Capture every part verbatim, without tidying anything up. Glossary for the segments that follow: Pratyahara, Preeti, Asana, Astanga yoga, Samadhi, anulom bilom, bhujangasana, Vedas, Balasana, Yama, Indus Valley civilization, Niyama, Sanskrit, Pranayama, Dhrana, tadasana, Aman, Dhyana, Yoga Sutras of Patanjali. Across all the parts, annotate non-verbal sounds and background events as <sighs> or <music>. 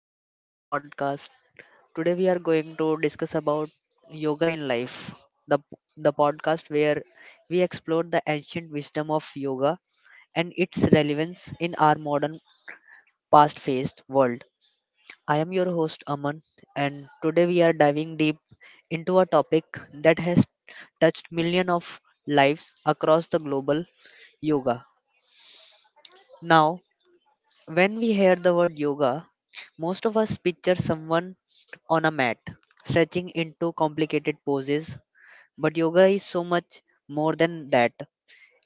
Welcome to our podcast. Today we are going to discuss about yoga in life. The the podcast where we explore the ancient wisdom of yoga and its relevance in our modern past-faced world. I am your host Aman and today we are diving deep into a topic that has touched millions of lives across the global yoga. Now when we hear the word yoga, most of us picture someone on a mat, stretching into complicated poses. But yoga is so much more than that.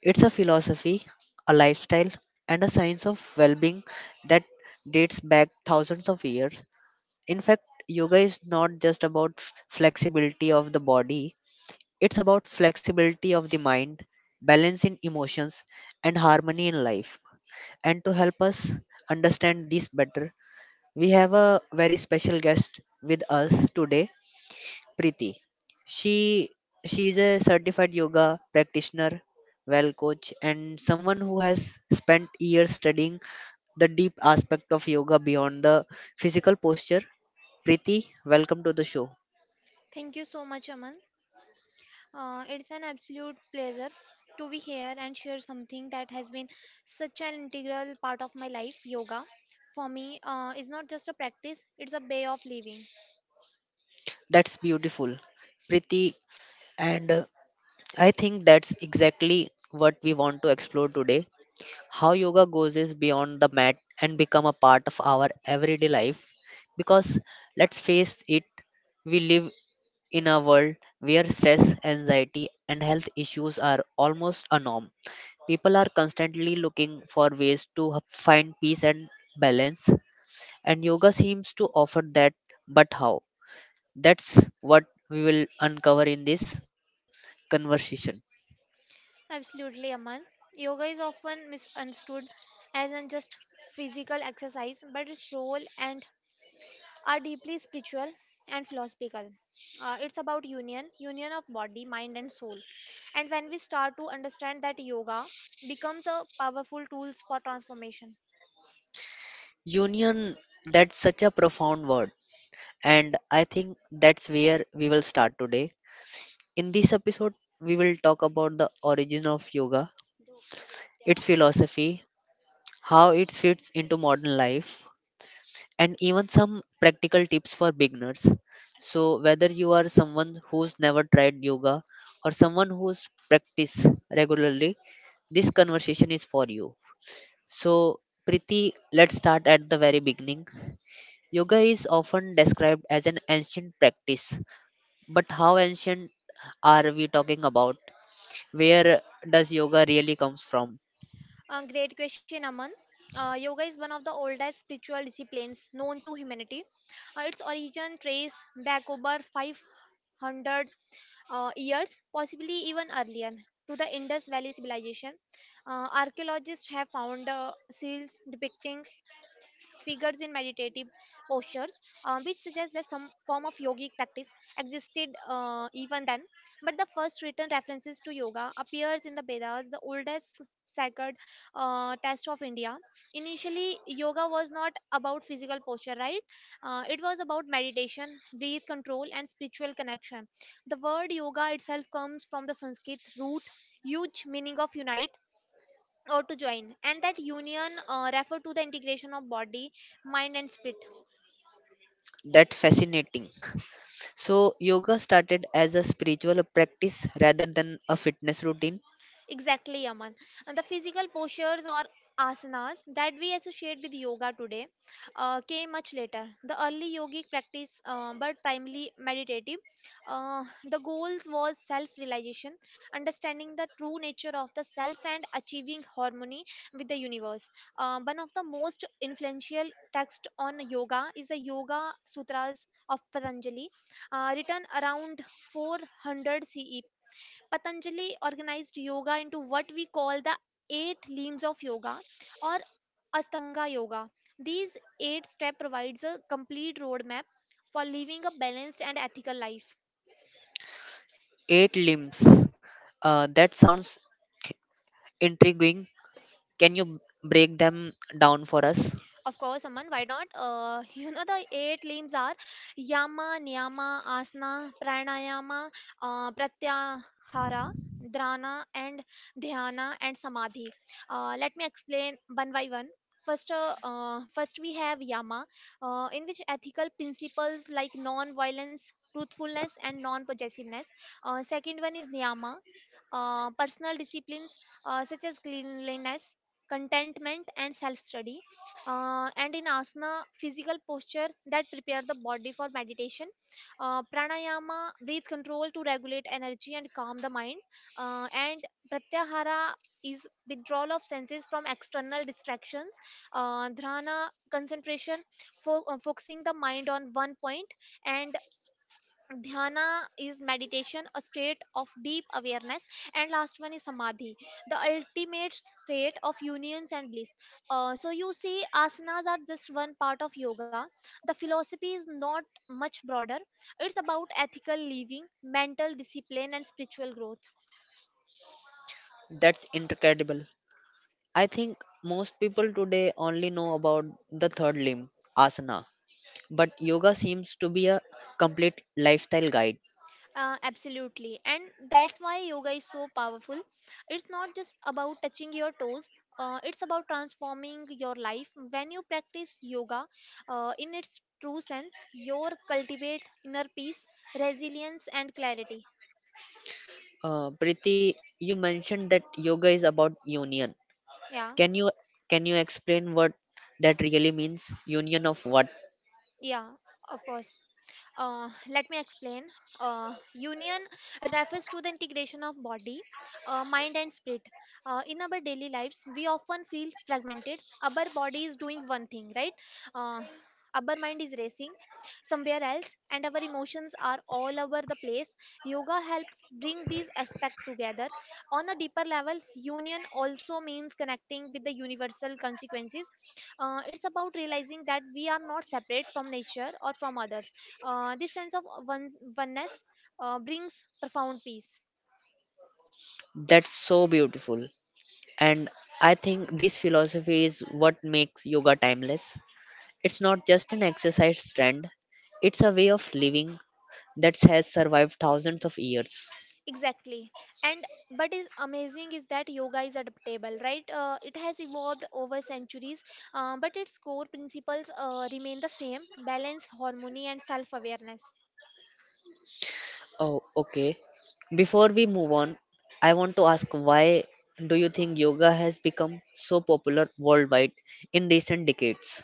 It's a philosophy, a lifestyle, and a science of well being that dates back thousands of years. In fact, yoga is not just about flexibility of the body, it's about flexibility of the mind, balance in emotions, and harmony in life. And to help us understand this better, we have a very special guest with us today, Preeti. She she is a certified yoga practitioner, well coach, and someone who has spent years studying the deep aspect of yoga beyond the physical posture. Preeti, welcome to the show. Thank you so much, Aman. Uh, it's an absolute pleasure to be here and share something that has been such an integral part of my life. Yoga, for me, uh, is not just a practice, it's a way of living. That's beautiful, Preeti, and uh, I think that's exactly what we want to explore today: how yoga goes is beyond the mat and become a part of our everyday life, because let's face it, we live in a world where stress anxiety and health issues are almost a norm. People are constantly looking for ways to h- find peace and balance, and yoga seems to offer that, but how? That's what we will uncover in this conversation. Absolutely, Aman. Yoga is often misunderstood as an just physical exercise, but its role and are deeply spiritual and philosophical. Uh, it's about union, union of body, mind, and soul. And when we start to understand that yoga becomes a powerful tools for transformation. Union, that's such a profound word. And I think that's where we will start today. In this episode, we will talk about the origin of yoga, its philosophy, how it fits into modern life, and even some practical tips for beginners. So, whether you are someone who's never tried yoga or someone who's practiced regularly, this conversation is for you. So, Priti, let's start at the very beginning. Yoga is often described as an ancient practice. But how ancient are we talking about? Where does yoga really comes from? Uh, great question, Aman. Uh, yoga is one of the oldest spiritual disciplines known to humanity. Uh, its origin trace back over five hundred uh, years, possibly even earlier, to the Indus Valley civilization. Uh, archaeologists have found uh, seals depicting figures in meditative postures, um, which suggests that some form of yogic practice existed uh, even then. But the first written references to yoga appears in the Vedas, the oldest sacred uh, test of India. Initially, yoga was not about physical posture, right? Uh, it was about meditation, breath control, and spiritual connection. The word yoga itself comes from the Sanskrit root, huge meaning of unite or to join, and that union uh, refer to the integration of body, mind, and spirit. That fascinating. So yoga started as a spiritual practice rather than a fitness routine. Exactly, Aman. And the physical postures or asanas that we associate with yoga today uh, came much later. The early yogic practice, uh, but primarily meditative, uh, the goals was self-realization, understanding the true nature of the self and achieving harmony with the universe. Uh, one of the most influential text on yoga is the Yoga Sutras of Patanjali, uh, written around four hundred C E. Patanjali organized yoga into what we call the eight limbs of yoga or Astanga yoga. These eight step provides a complete roadmap for living a balanced and ethical life. Eight limbs. Uh, that sounds intriguing. Can you break them down for us? Of course, Aman, why not? Uh, <laughs> you know, the eight limbs are Yama, Niyama, Asana, Pranayama, uh, Pratyahara, Dhrana, and Dhyana, and Samadhi. Uh, let me explain one by one. First, uh, uh, first we have Yama, uh, in which ethical principles like non-violence, truthfulness, and non-possessiveness. Uh, second one is Niyama, uh, personal disciplines uh, such as cleanliness, contentment, and self study. Uh, and in asana, physical posture that prepare the body for meditation. Uh, pranayama, breath control to regulate energy and calm the mind. Uh, and pratyahara is withdrawal of senses from external distractions. Uh, dhrana, concentration, fo- uh, focusing the mind on one point, and dhyana is meditation, a state of deep awareness, and last one is samadhi, the ultimate state of unions and bliss. Uh, so you see asanas are just one part of yoga. The philosophy is not much broader. It's about ethical living, mental discipline, and spiritual growth. That's incredible. I think most people today only know about the third limb, asana, but yoga seems to be a complete lifestyle guide. Uh, absolutely. And that's why yoga is so powerful. It's not just about touching your toes, uh, it's about transforming your life. When you practice yoga uh, in its true sense, you cultivate inner peace, resilience, and clarity. Uh, Priti, you mentioned that yoga is about union. Yeah, Can you can you explain what that really means? Union of what? yeah, of course. Uh, let me explain. Uh, union refers to the integration of body, uh, mind, and spirit. Uh, in our daily lives, we often feel fragmented. Our body is doing one thing, right? Uh, our mind is racing somewhere else, and our emotions are all over the place. Yoga helps bring these aspects together. On a deeper level, union also means connecting with the universal consequences. Uh, it's about realizing that we are not separate from nature or from others. Uh, this sense of uh, one oneness uh, brings profound peace. That's so beautiful. And I think this philosophy is what makes yoga timeless. It's not just an exercise trend, it's a way of living that has survived thousands of years. Exactly. And but is amazing is that yoga is adaptable, right? Uh, it has evolved over centuries, uh, but its core principles uh, remain the same: balance, harmony, and self-awareness. Oh, okay. Before we move on, I want to ask, why do you think yoga has become so popular worldwide in recent decades?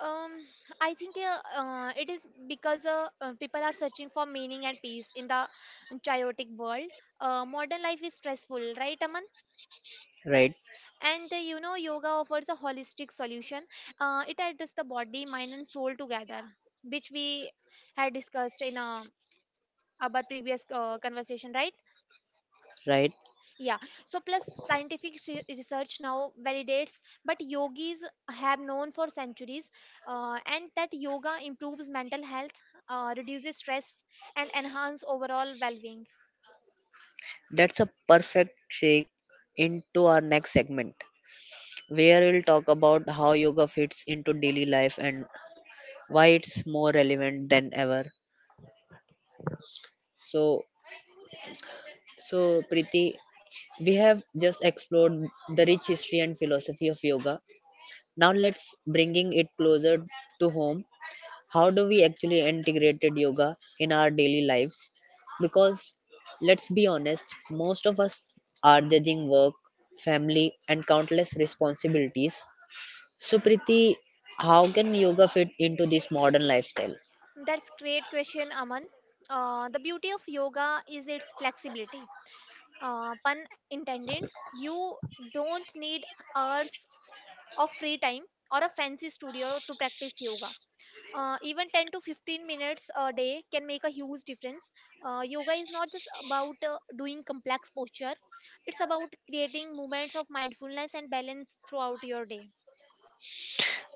Um, I think uh, uh, it is because uh, uh, people are searching for meaning and peace in the chaotic world. Uh, modern life is stressful, right, Aman? Right, And uh, you know, yoga offers a holistic solution. Uh, it addresses the body, mind, and soul together, which we had discussed in uh, our previous uh, conversation, right? right. Yeah. So plus scientific se- research now validates but yogis have known for centuries, uh, and that yoga improves mental health, uh, reduces stress, and enhance overall well-being. That's a perfect shake into our next segment, where we'll talk about how yoga fits into daily life and why it's more relevant than ever. So, so, Priti, we have just explored the rich history and philosophy of yoga. Now let's bringing it closer to home. How do we actually integrated yoga in our daily lives, because let's be honest, most of us are judging work, family and countless responsibilities. So Priti, how can yoga fit into this modern lifestyle? That's great question, Aman. Uh, the beauty of yoga is its flexibility, uh, pun intended. You don't need hours of free time or a fancy studio to practice yoga. Uh, even ten to fifteen minutes a day can make a huge difference. Uh, yoga is not just about uh, doing complex posture. It's about creating moments of mindfulness and balance throughout your day.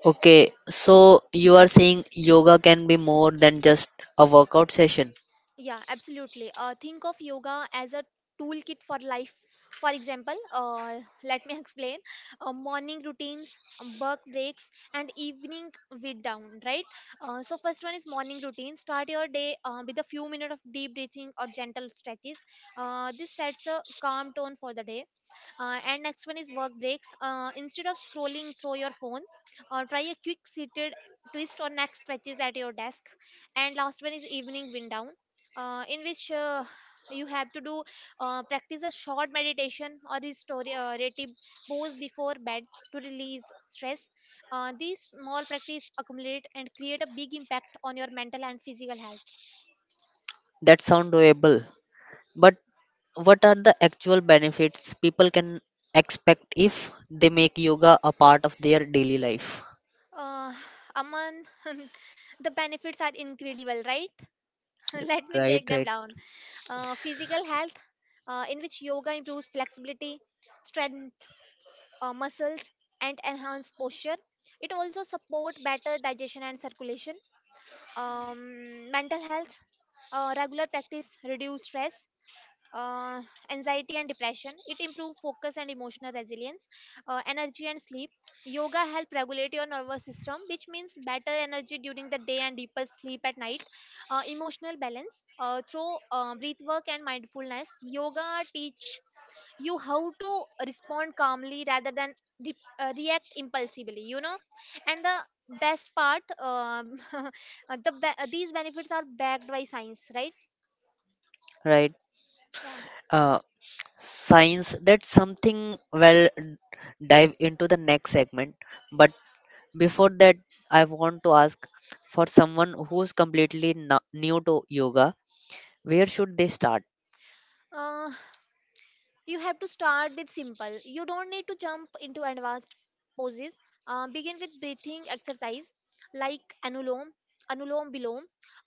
Okay, so you are saying yoga can be more than just a workout session. Yeah, absolutely. Uh, think of yoga as a toolkit for life. For example, uh, <laughs> let me explain uh, morning routines, um, work breaks, and evening wind down, right? Uh, so, first one is morning routine. Start your day uh, with a few minutes of deep breathing or gentle stretches. Uh, this sets a calm tone for the day. Uh, and next one is work breaks. Uh, instead of scrolling through your phone, uh, try a quick seated twist or neck stretches at your desk. And last one is evening wind down, uh, in which uh, you have to do uh, practice a short meditation or restorative pose before bed to release stress. Uh, these small practice accumulate and create a big impact on your mental and physical health. That sounds doable. But what are the actual benefits people can expect if they make yoga a part of their daily life? Uh, Aman, <laughs> the benefits are incredible, right? <laughs> Let me right break them right down. Uh, physical health, uh, in which yoga improves flexibility, strength, uh, muscles, and enhance posture. It also support better digestion and circulation. Um, mental health, uh, regular practice reduce stress, uh, anxiety, and depression. It improves focus and emotional resilience, uh, energy, and sleep. Yoga help regulate your nervous system, which means better energy during the day and deeper sleep at night. Uh, emotional balance uh, through uh, breath work and mindfulness. Yoga teach you how to respond calmly rather than re- uh, react impulsively. You know, and the best part, um, <laughs> uh, the be- uh, these benefits are backed by science, right? right. Yeah. uh Science, that's something well d- dive into the next segment, but before that I want to ask, for someone who's completely no- new to yoga, where should they start? Uh, you have to start with simple. You don't need to jump into advanced poses. Uh, begin with breathing exercise like anulom anulom bilom,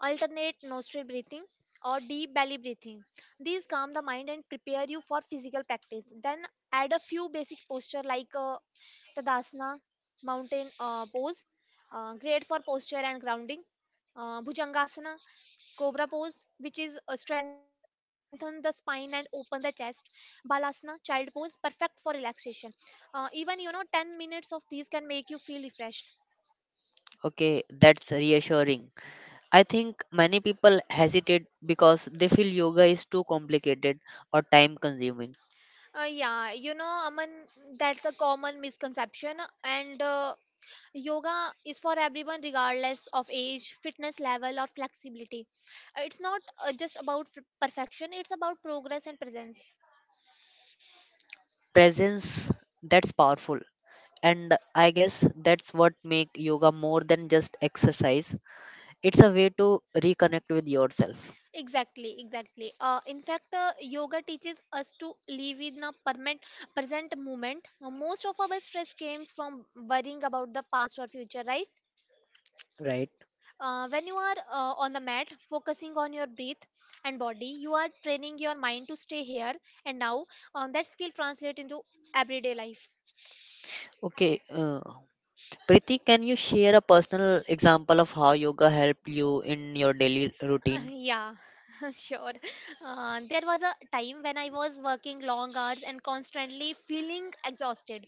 alternate nostril breathing, or deep belly breathing. These calm the mind and prepare you for physical practice. Then add a few basic posture like uh, tadasana, mountain uh, pose, uh, great for posture and grounding; uh, bhujangasana, Cobra pose, which is uh, strengthen the spine and open the chest; Balasana, child pose, perfect for relaxation. Uh, even you know, ten minutes of these can make you feel refreshed. Okay, that's reassuring. I think many people hesitate because they feel yoga is too complicated or time consuming. Uh, yeah, you know, Aman, that's a common misconception. And uh, yoga is for everyone, regardless of age, fitness level, or flexibility. Uh, It's not uh, just about f- perfection, it's about progress and presence. Presence, that's powerful. And I guess that's what make yoga more than just exercise. It's a way to reconnect with yourself, Exactly, exactly. Uh, in fact, uh, yoga teaches us to live in a permanent, present moment. Uh, most of our stress comes from worrying about the past or future, right? right? Uh, when you are uh, on the mat, focusing on your breath and body, you are training your mind to stay here and now. Uh, that skill translates into everyday life. Okay, uh, Priti, can you share a personal example of how yoga helped you in your daily routine? Yeah, <laughs> sure. Uh, there was a time when I was working long hours and constantly feeling exhausted.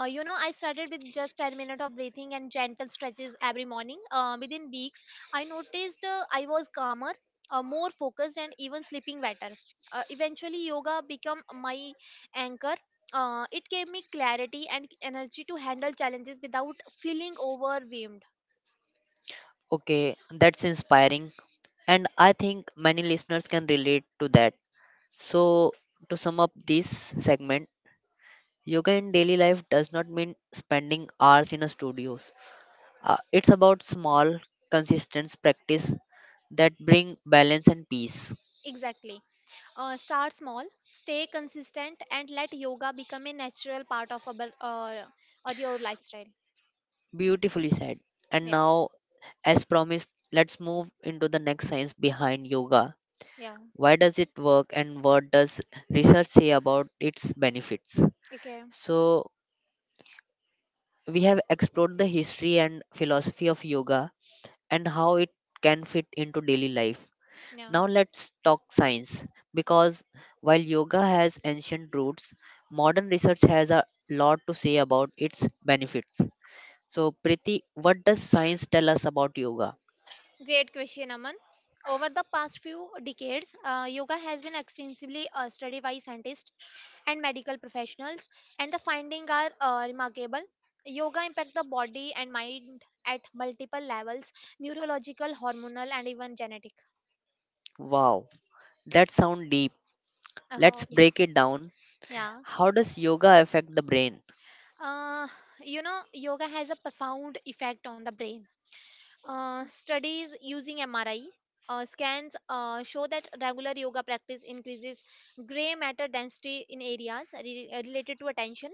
Uh, you know, I started with just ten minutes of breathing and gentle stretches every morning. Uh, within weeks, I noticed uh, I was calmer, uh, more focused, and even sleeping better. Uh, eventually, yoga became my anchor. Uh, it gave me clarity and energy to handle challenges without feeling overwhelmed. Okay, that's inspiring. And I think many listeners can relate to that. So, to sum up this segment, yoga in daily life does not mean spending hours in a studios. Uh, it's about small, consistent practice that bring balance and peace. Exactly. Uh, start small, stay consistent, and let yoga become a natural part of our, uh, or your lifestyle. Beautifully said. And Yeah, now, as promised, let's move into the next: science behind yoga. yeah. Why does it work and what does research say about its benefits? Okay, So, we have explored the history and philosophy of yoga and how it can fit into daily life. yeah. Now, let's talk science, because while yoga has ancient roots, modern research has a lot to say about its benefits. So, Priti, what does science tell us about yoga? Great question, Aman. Over the past few decades, uh, yoga has been extensively uh, studied by scientists and medical professionals, and the findings are uh, remarkable. Yoga impacts the body and mind at multiple levels: neurological, hormonal, and even genetic. <laughs> Wow, that sounds deep. Oh, Let's yeah. break it down. Yeah. How does yoga affect the brain? Uh, you know, yoga has a profound effect on the brain. Uh, studies using M R I uh, scans uh, show that regular yoga practice increases gray matter density in areas re- related to attention,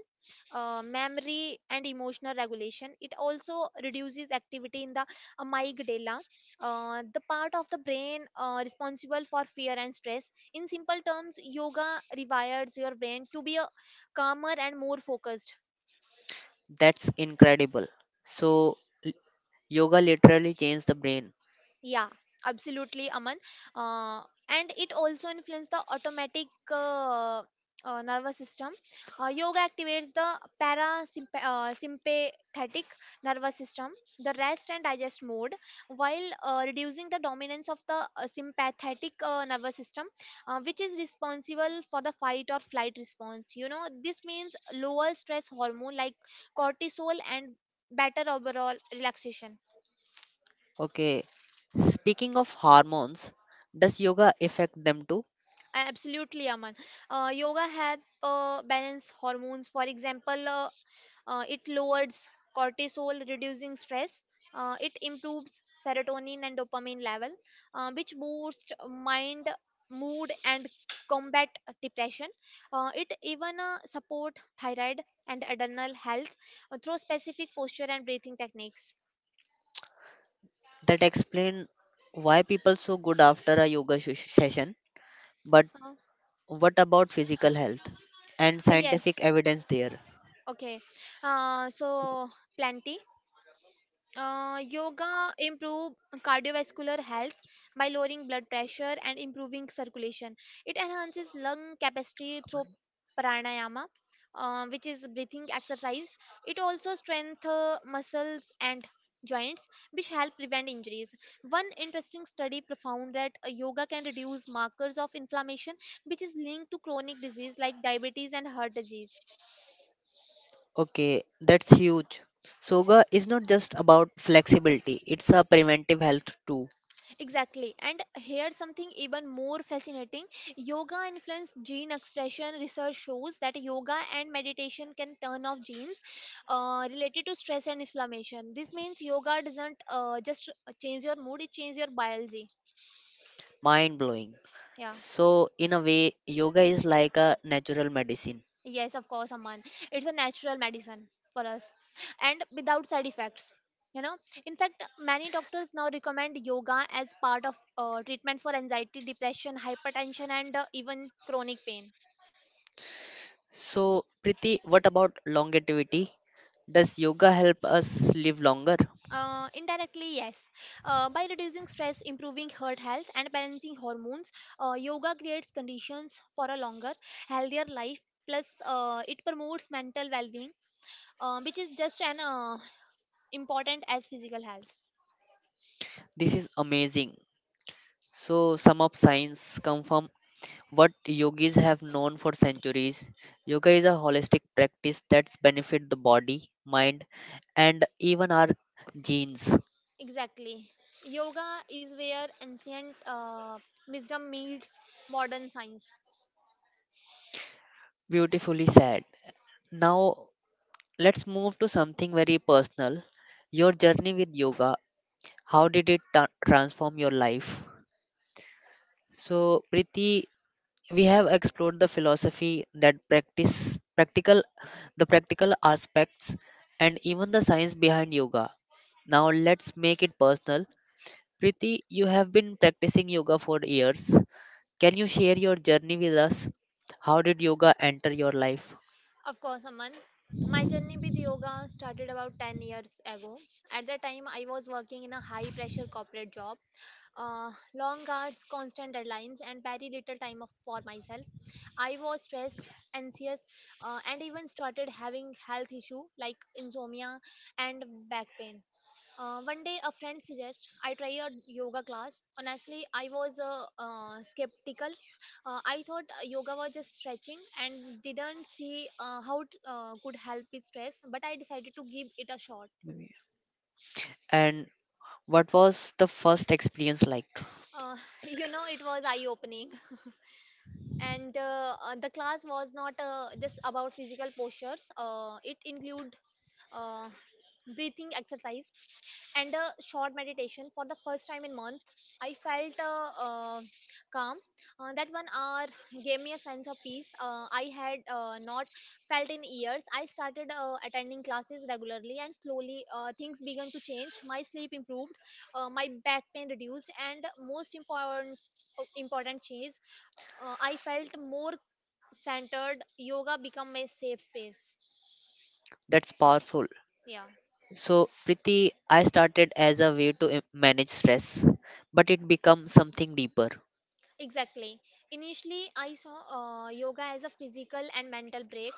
uh, memory, and emotional regulation. It also reduces activity in the amygdala. Uh, the part of the brain uh, responsible for fear and stress. In simple terms, yoga rewires your brain to be a calmer and more focused. That's incredible. So, l- yoga literally changed the brain. Yeah, absolutely, Aman. Uh, and it also influences the automatic uh, uh, nervous system. Uh, yoga activates the parasympathetic uh, sympathetic nervous system, the rest and digest mode, while uh, reducing the dominance of the uh, sympathetic uh, nervous system, uh, which is responsible for the fight or flight response. You know, this means lower stress hormone like cortisol and better overall relaxation. Okay. Speaking of hormones, does yoga affect them too? A- Absolutely, Aman. Uh, yoga help uh, balance hormones. For example, uh, uh, it lowers cortisol, reducing stress. Uh, it improves serotonin and dopamine level, uh, which boost mind, mood, and combat depression. Uh, it even uh, support thyroid and adrenal health uh, through specific posture and breathing techniques. That explain why people so good after a yoga sh- session. But Uh, uh, what about physical health and scientific yes. evidence there? Okay. Uh, so plenty. Uh, yoga improve cardiovascular health by lowering blood pressure and improving circulation. It enhances lung capacity through pranayama, uh, which is breathing exercise. It also strengthens muscles and joints, which help prevent injuries. One interesting study found that uh, yoga can reduce markers of inflammation, which is linked to chronic disease like diabetes and heart disease. Okay, that's huge. Soga is not just about flexibility, it's a preventive health too. Exactly. And here's something even more fascinating. Yoga influenced gene expression research shows that yoga and meditation can turn off genes uh, related to stress and inflammation. This means yoga doesn't uh, just change your mood, it changes your biology. Mind blowing. Yeah. So in a way, yoga is like a natural medicine. Yes, of course, Aman. It's a natural medicine for us and without side effects. You know, in fact, many doctors now recommend yoga as part of uh, treatment for anxiety, depression, hypertension, and uh, even chronic pain. So Priti, what about longevity, does yoga help us live longer? Uh, indirectly, yes. Uh, by reducing stress, improving heart health, and balancing hormones, uh, yoga creates conditions for a longer, healthier life. Plus, uh, it promotes mental well-being, uh, which is just as uh, important as physical health. This is amazing. So, some of science confirm what yogis have known for centuries: yoga is a holistic practice that's benefit the body, mind, and even our genes. Exactly. Yoga is where ancient uh, wisdom meets modern science. Beautifully said. Now let's move to something very personal, your journey with yoga. How did it ta- transform your life? So, Priti, we have explored the philosophy that practice practical the practical aspects and even the science behind yoga. Now let's make it personal. Priti, you have been practicing yoga for years. Can you share your journey with us? How did yoga enter your life? Of course, Aman. My journey with yoga started about ten years ago. At the time, I was working in a high pressure corporate job uh, long hours, constant deadlines, and very little time of, for myself. I was stressed, anxious, uh, and even started having health issue like insomnia and back pain. Uh, one day, a friend suggests I try a yoga class. Honestly, I was uh, uh, skeptical. Uh, I thought uh, yoga was just stretching and didn't see uh, how it uh, could help with stress, but I decided to give it a shot. And what was the first experience like? Uh, <laughs> you know, it was eye opening. and uh, uh, the class was not uh, just about physical postures, uh, it included uh, breathing exercise and a short meditation. For the first time in month, I felt uh, uh, calm. Uh, that one hour gave me a sense of peace uh, I had uh, not felt in years. I started uh, attending classes regularly, and slowly uh, things began to change. My sleep improved, uh, my back pain reduced, and most important uh, important change, uh, I felt more centered. Yoga become a safe space. That's powerful. Yeah. So, Priti, I started as a way to im- manage stress, but it becomes something deeper. Exactly. Initially I saw uh, yoga as a physical and mental break,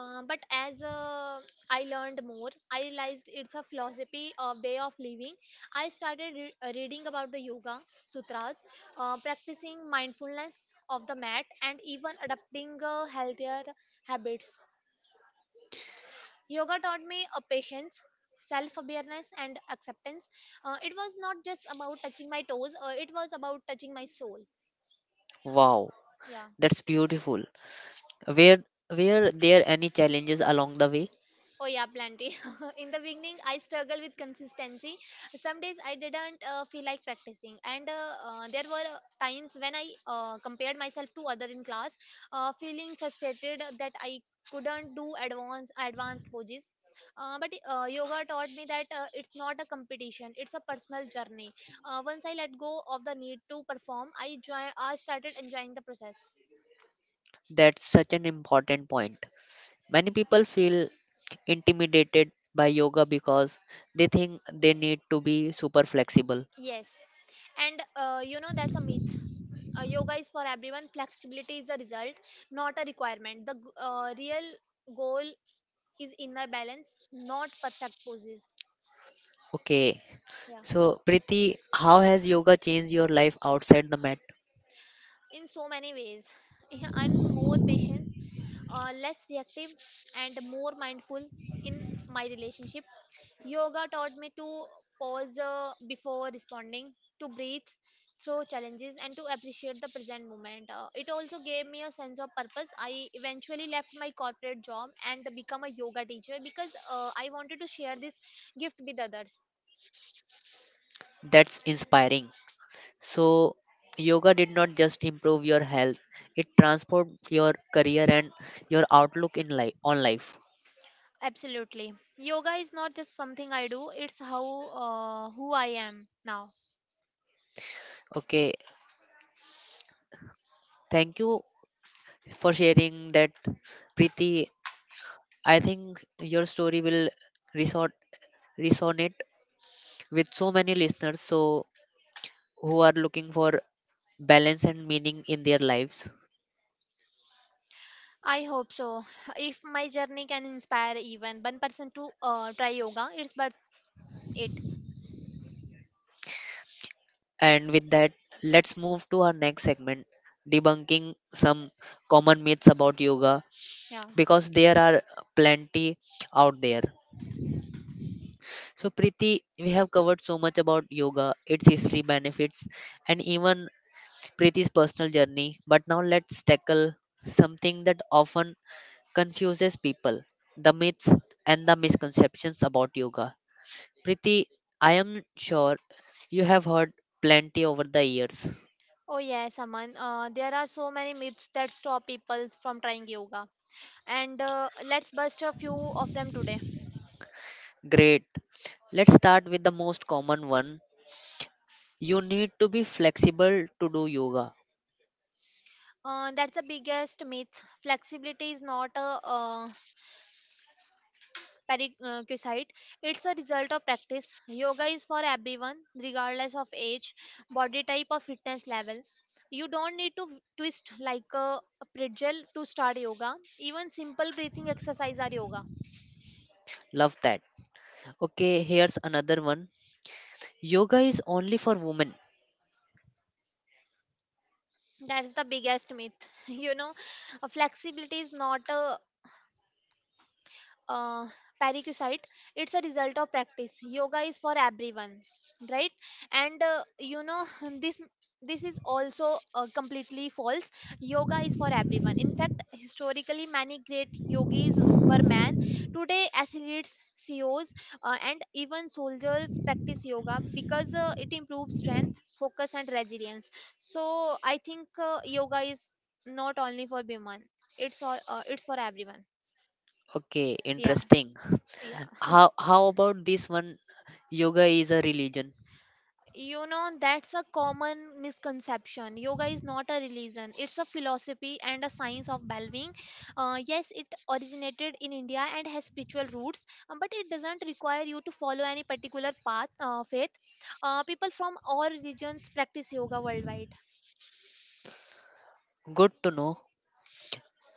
uh, but as uh, I learned more, I realized it's a philosophy, a way of living. I started re- uh, reading about the yoga sutras, uh, practicing mindfulness of the mat, and even adopting uh, healthier habits. Yoga taught me a patience, self awareness, and acceptance. Uh, it was not just about touching my toes, uh, it was about touching my soul. Wow, Yeah. that's beautiful. Were were there any challenges along the way? Oh yeah, plenty. <laughs> In the beginning, I struggled with consistency. Some days I didn't uh, feel like practicing, and uh, uh, there were uh, times when I uh, compared myself to other in class, uh, feeling frustrated that I couldn't do advanced advanced poses. Uh, but uh, yoga taught me that uh, it's not a competition; it's a personal journey. Uh, once I let go of the need to perform, I joy. I started enjoying the process. That's such an important point. Many people feel intimidated by yoga because they think they need to be super flexible. Yes, and uh, you know, that's a myth. Uh, yoga is for everyone. Flexibility is a result, not a requirement. The g- uh, real goal is inner balance, not perfect poses. Okay, Yeah, so Priti, how has yoga changed your life outside the mat? in so many ways. <laughs> Yeah, I'm more patient, uh, less reactive, and more mindful in my relationship. Yoga taught me to pause uh, before responding, to breathe through challenges, and to appreciate the present moment. Uh, it also gave me a sense of purpose. I eventually left my corporate job and become a yoga teacher because uh, I wanted to share this gift with others. That's inspiring. So, yoga did not just improve your health, it transformed your career and your outlook in life on life. Absolutely. Yoga is not just something I do, it's how uh, who I am now. Okay, thank you for sharing that, Preeti. I think your story will resort, resonate with so many listeners so who are looking for balance and meaning in their lives. I hope so. <sighs> If my journey can inspire even one person to uh, try yoga, it's worth it. And with that, let's move to our next segment, debunking some common myths about yoga, Yeah. because there are plenty out there. So, Preeti, we have covered so much about yoga, its history, benefits, and even Preeti's personal journey. But now let's tackle something that often confuses people, the myths and the misconceptions about yoga. Preeti, I am sure you have heard plenty over the years. Oh yes, Aman. Uh, there are so many myths that stop people from trying yoga, and uh, let's bust a few of them today. Great. Let's start with the most common one. You need to be flexible to do yoga. Uh, that's the biggest myth. Flexibility is not a uh, prerequisite; it's a result of practice. Yoga is for everyone, regardless of age, body type, or fitness level. You don't need to twist like a pretzel to start yoga. Even simple breathing exercise are yoga. Love that. Okay, here's another one. Yoga is only for women. That's the biggest myth. <laughs> You know, uh, flexibility is not a uh, parasite, it's a result of practice. Yoga is for everyone, right? And uh, you know, <laughs> this this is also uh, completely false. Yoga is for everyone. In fact, historically many great yogis were men. Today athletes, CEOs, uh, and even soldiers practice yoga because uh, it improves strength, focus, and resilience. So I think uh, yoga is not only for women, it's all uh, it's for everyone. Okay, Yeah. interesting. Yeah. How how about this one? Yoga is a religion. You know, that's a common misconception. Yoga is not a religion, it's a philosophy and a science of well-being. Uh, yes, it originated in India and has spiritual roots, um, but it doesn't require you to follow any particular path, uh, faith. Uh, people from all religions practice yoga worldwide. Good to know.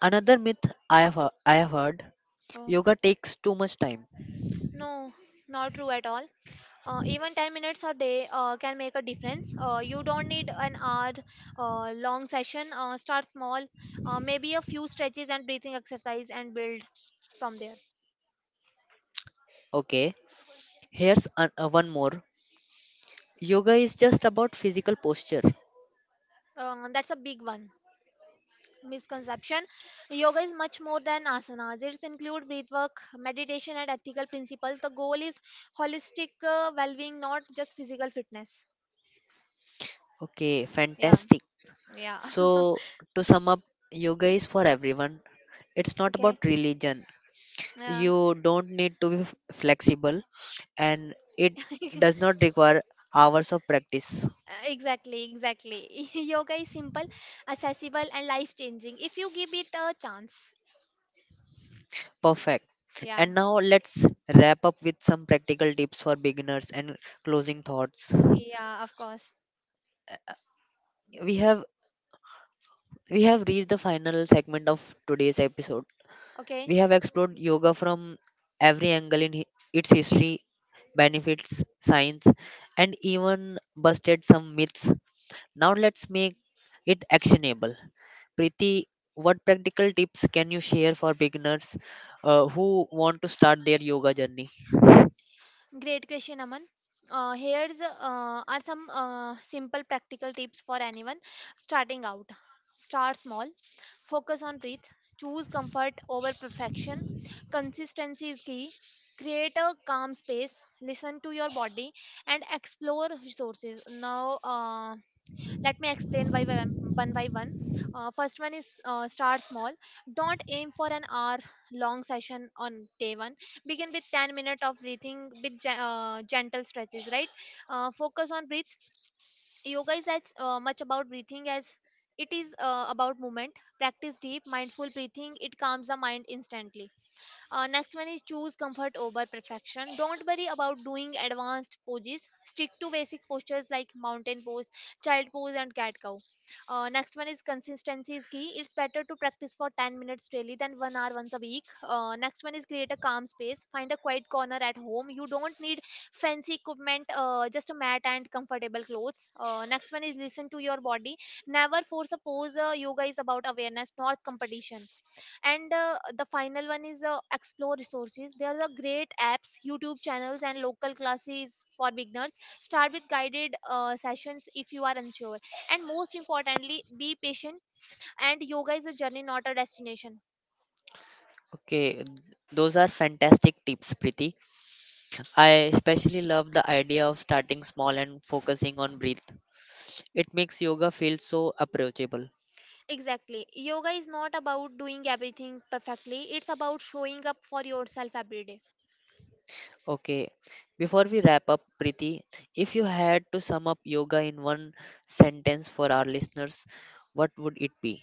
Another myth I have hea- I have heard: Oh, yoga takes too much time. no, not true at all. Uh, even ten minutes a day uh, can make a difference. Uh, you don't need an hour uh, long session. Uh, start small, uh, maybe a few stretches and breathing exercise, and build from there. Okay, here's an, uh, one more. Yoga is just about physical posture. Uh, that's a big one, misconception. Yoga is much more than asanas, it's include breath work, meditation, and ethical principles. The goal is holistic uh, well-being, not just physical fitness. Okay, Yeah. fantastic. Yeah. So to sum up, yoga is for everyone. It's <laughs> not about Okay. religion. Yeah. You don't need to be f- flexible, and it does not require hours of practice. Uh, Exactly, exactly. <laughs> Yoga is simple, accessible, and life changing if you give it a chance. Perfect. Yeah, And now let's wrap up with some practical tips for beginners and closing thoughts. yeah, of course. We have we have reached the final segment of today's episode. Okay, We have explored yoga from every angle in hi- its history, benefits, science, and even busted some myths. Now let's make it actionable. Preeti, what practical tips can you share for beginners uh, who want to start their yoga journey? great question, Aman. Uh, here's uh, are some uh, simple practical tips for anyone starting out. Start small, focus on breath, choose comfort over perfection. Consistency is key. Create a calm space, listen to your body, and explore resources. Now, uh, let me explain by one one by one. Uh, first one is uh, start small. Don't aim for an hour long session on day one. Begin with ten minutes of breathing with gen- uh, gentle stretches, right? Uh, focus on breath. Yoga is as uh, much about breathing as it is uh, about movement. Practice deep, mindful breathing. It calms the mind instantly. Uh, next one is choose comfort over perfection. Don't worry about doing advanced poses. Stick to basic postures like mountain pose, child pose, and cat cow. Uh, next one is consistency is key. It's better to practice for ten minutes daily than one hour once a week. Uh, next one is create a calm space. Find a quiet corner at home. You don't need fancy equipment, uh, just a mat and comfortable clothes. Uh, next one is listen to your body. Never force a pose. Uh, yoga is about awareness, not competition. And uh, the final one is uh, explore resources. There are great apps, YouTube channels, and local classes for beginners. Start with guided uh, sessions if you are unsure, and most importantly be patient, and yoga is a journey, not a destination. Okay, those are fantastic tips, Preeti. I especially love the idea of starting small and focusing on breath. It makes yoga feel so approachable. Exactly. Yoga is not about doing everything perfectly, it's about showing up for yourself every day. Okay, before we wrap up, Preeti, if you had to sum up yoga in one sentence for our listeners, what would it be?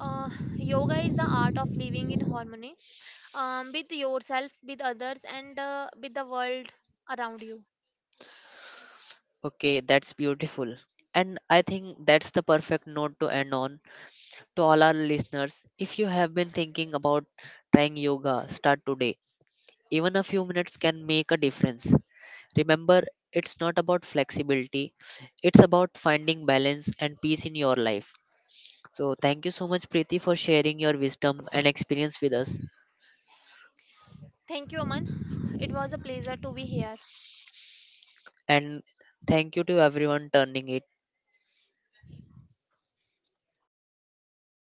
uh, Yoga is the art of living in harmony um, with yourself, with others, and uh, with the world around you. Okay, that's beautiful. And I think that's the perfect note to end on. To all our listeners, if you have been thinking about trying yoga, start today. Even a few minutes can make a difference. Remember, it's not about flexibility, it's about finding balance and peace in your life. So, thank you so much, Preeti, for sharing your wisdom and experience with us. Thank you, Aman. It was a pleasure to be here. And thank you to everyone turning it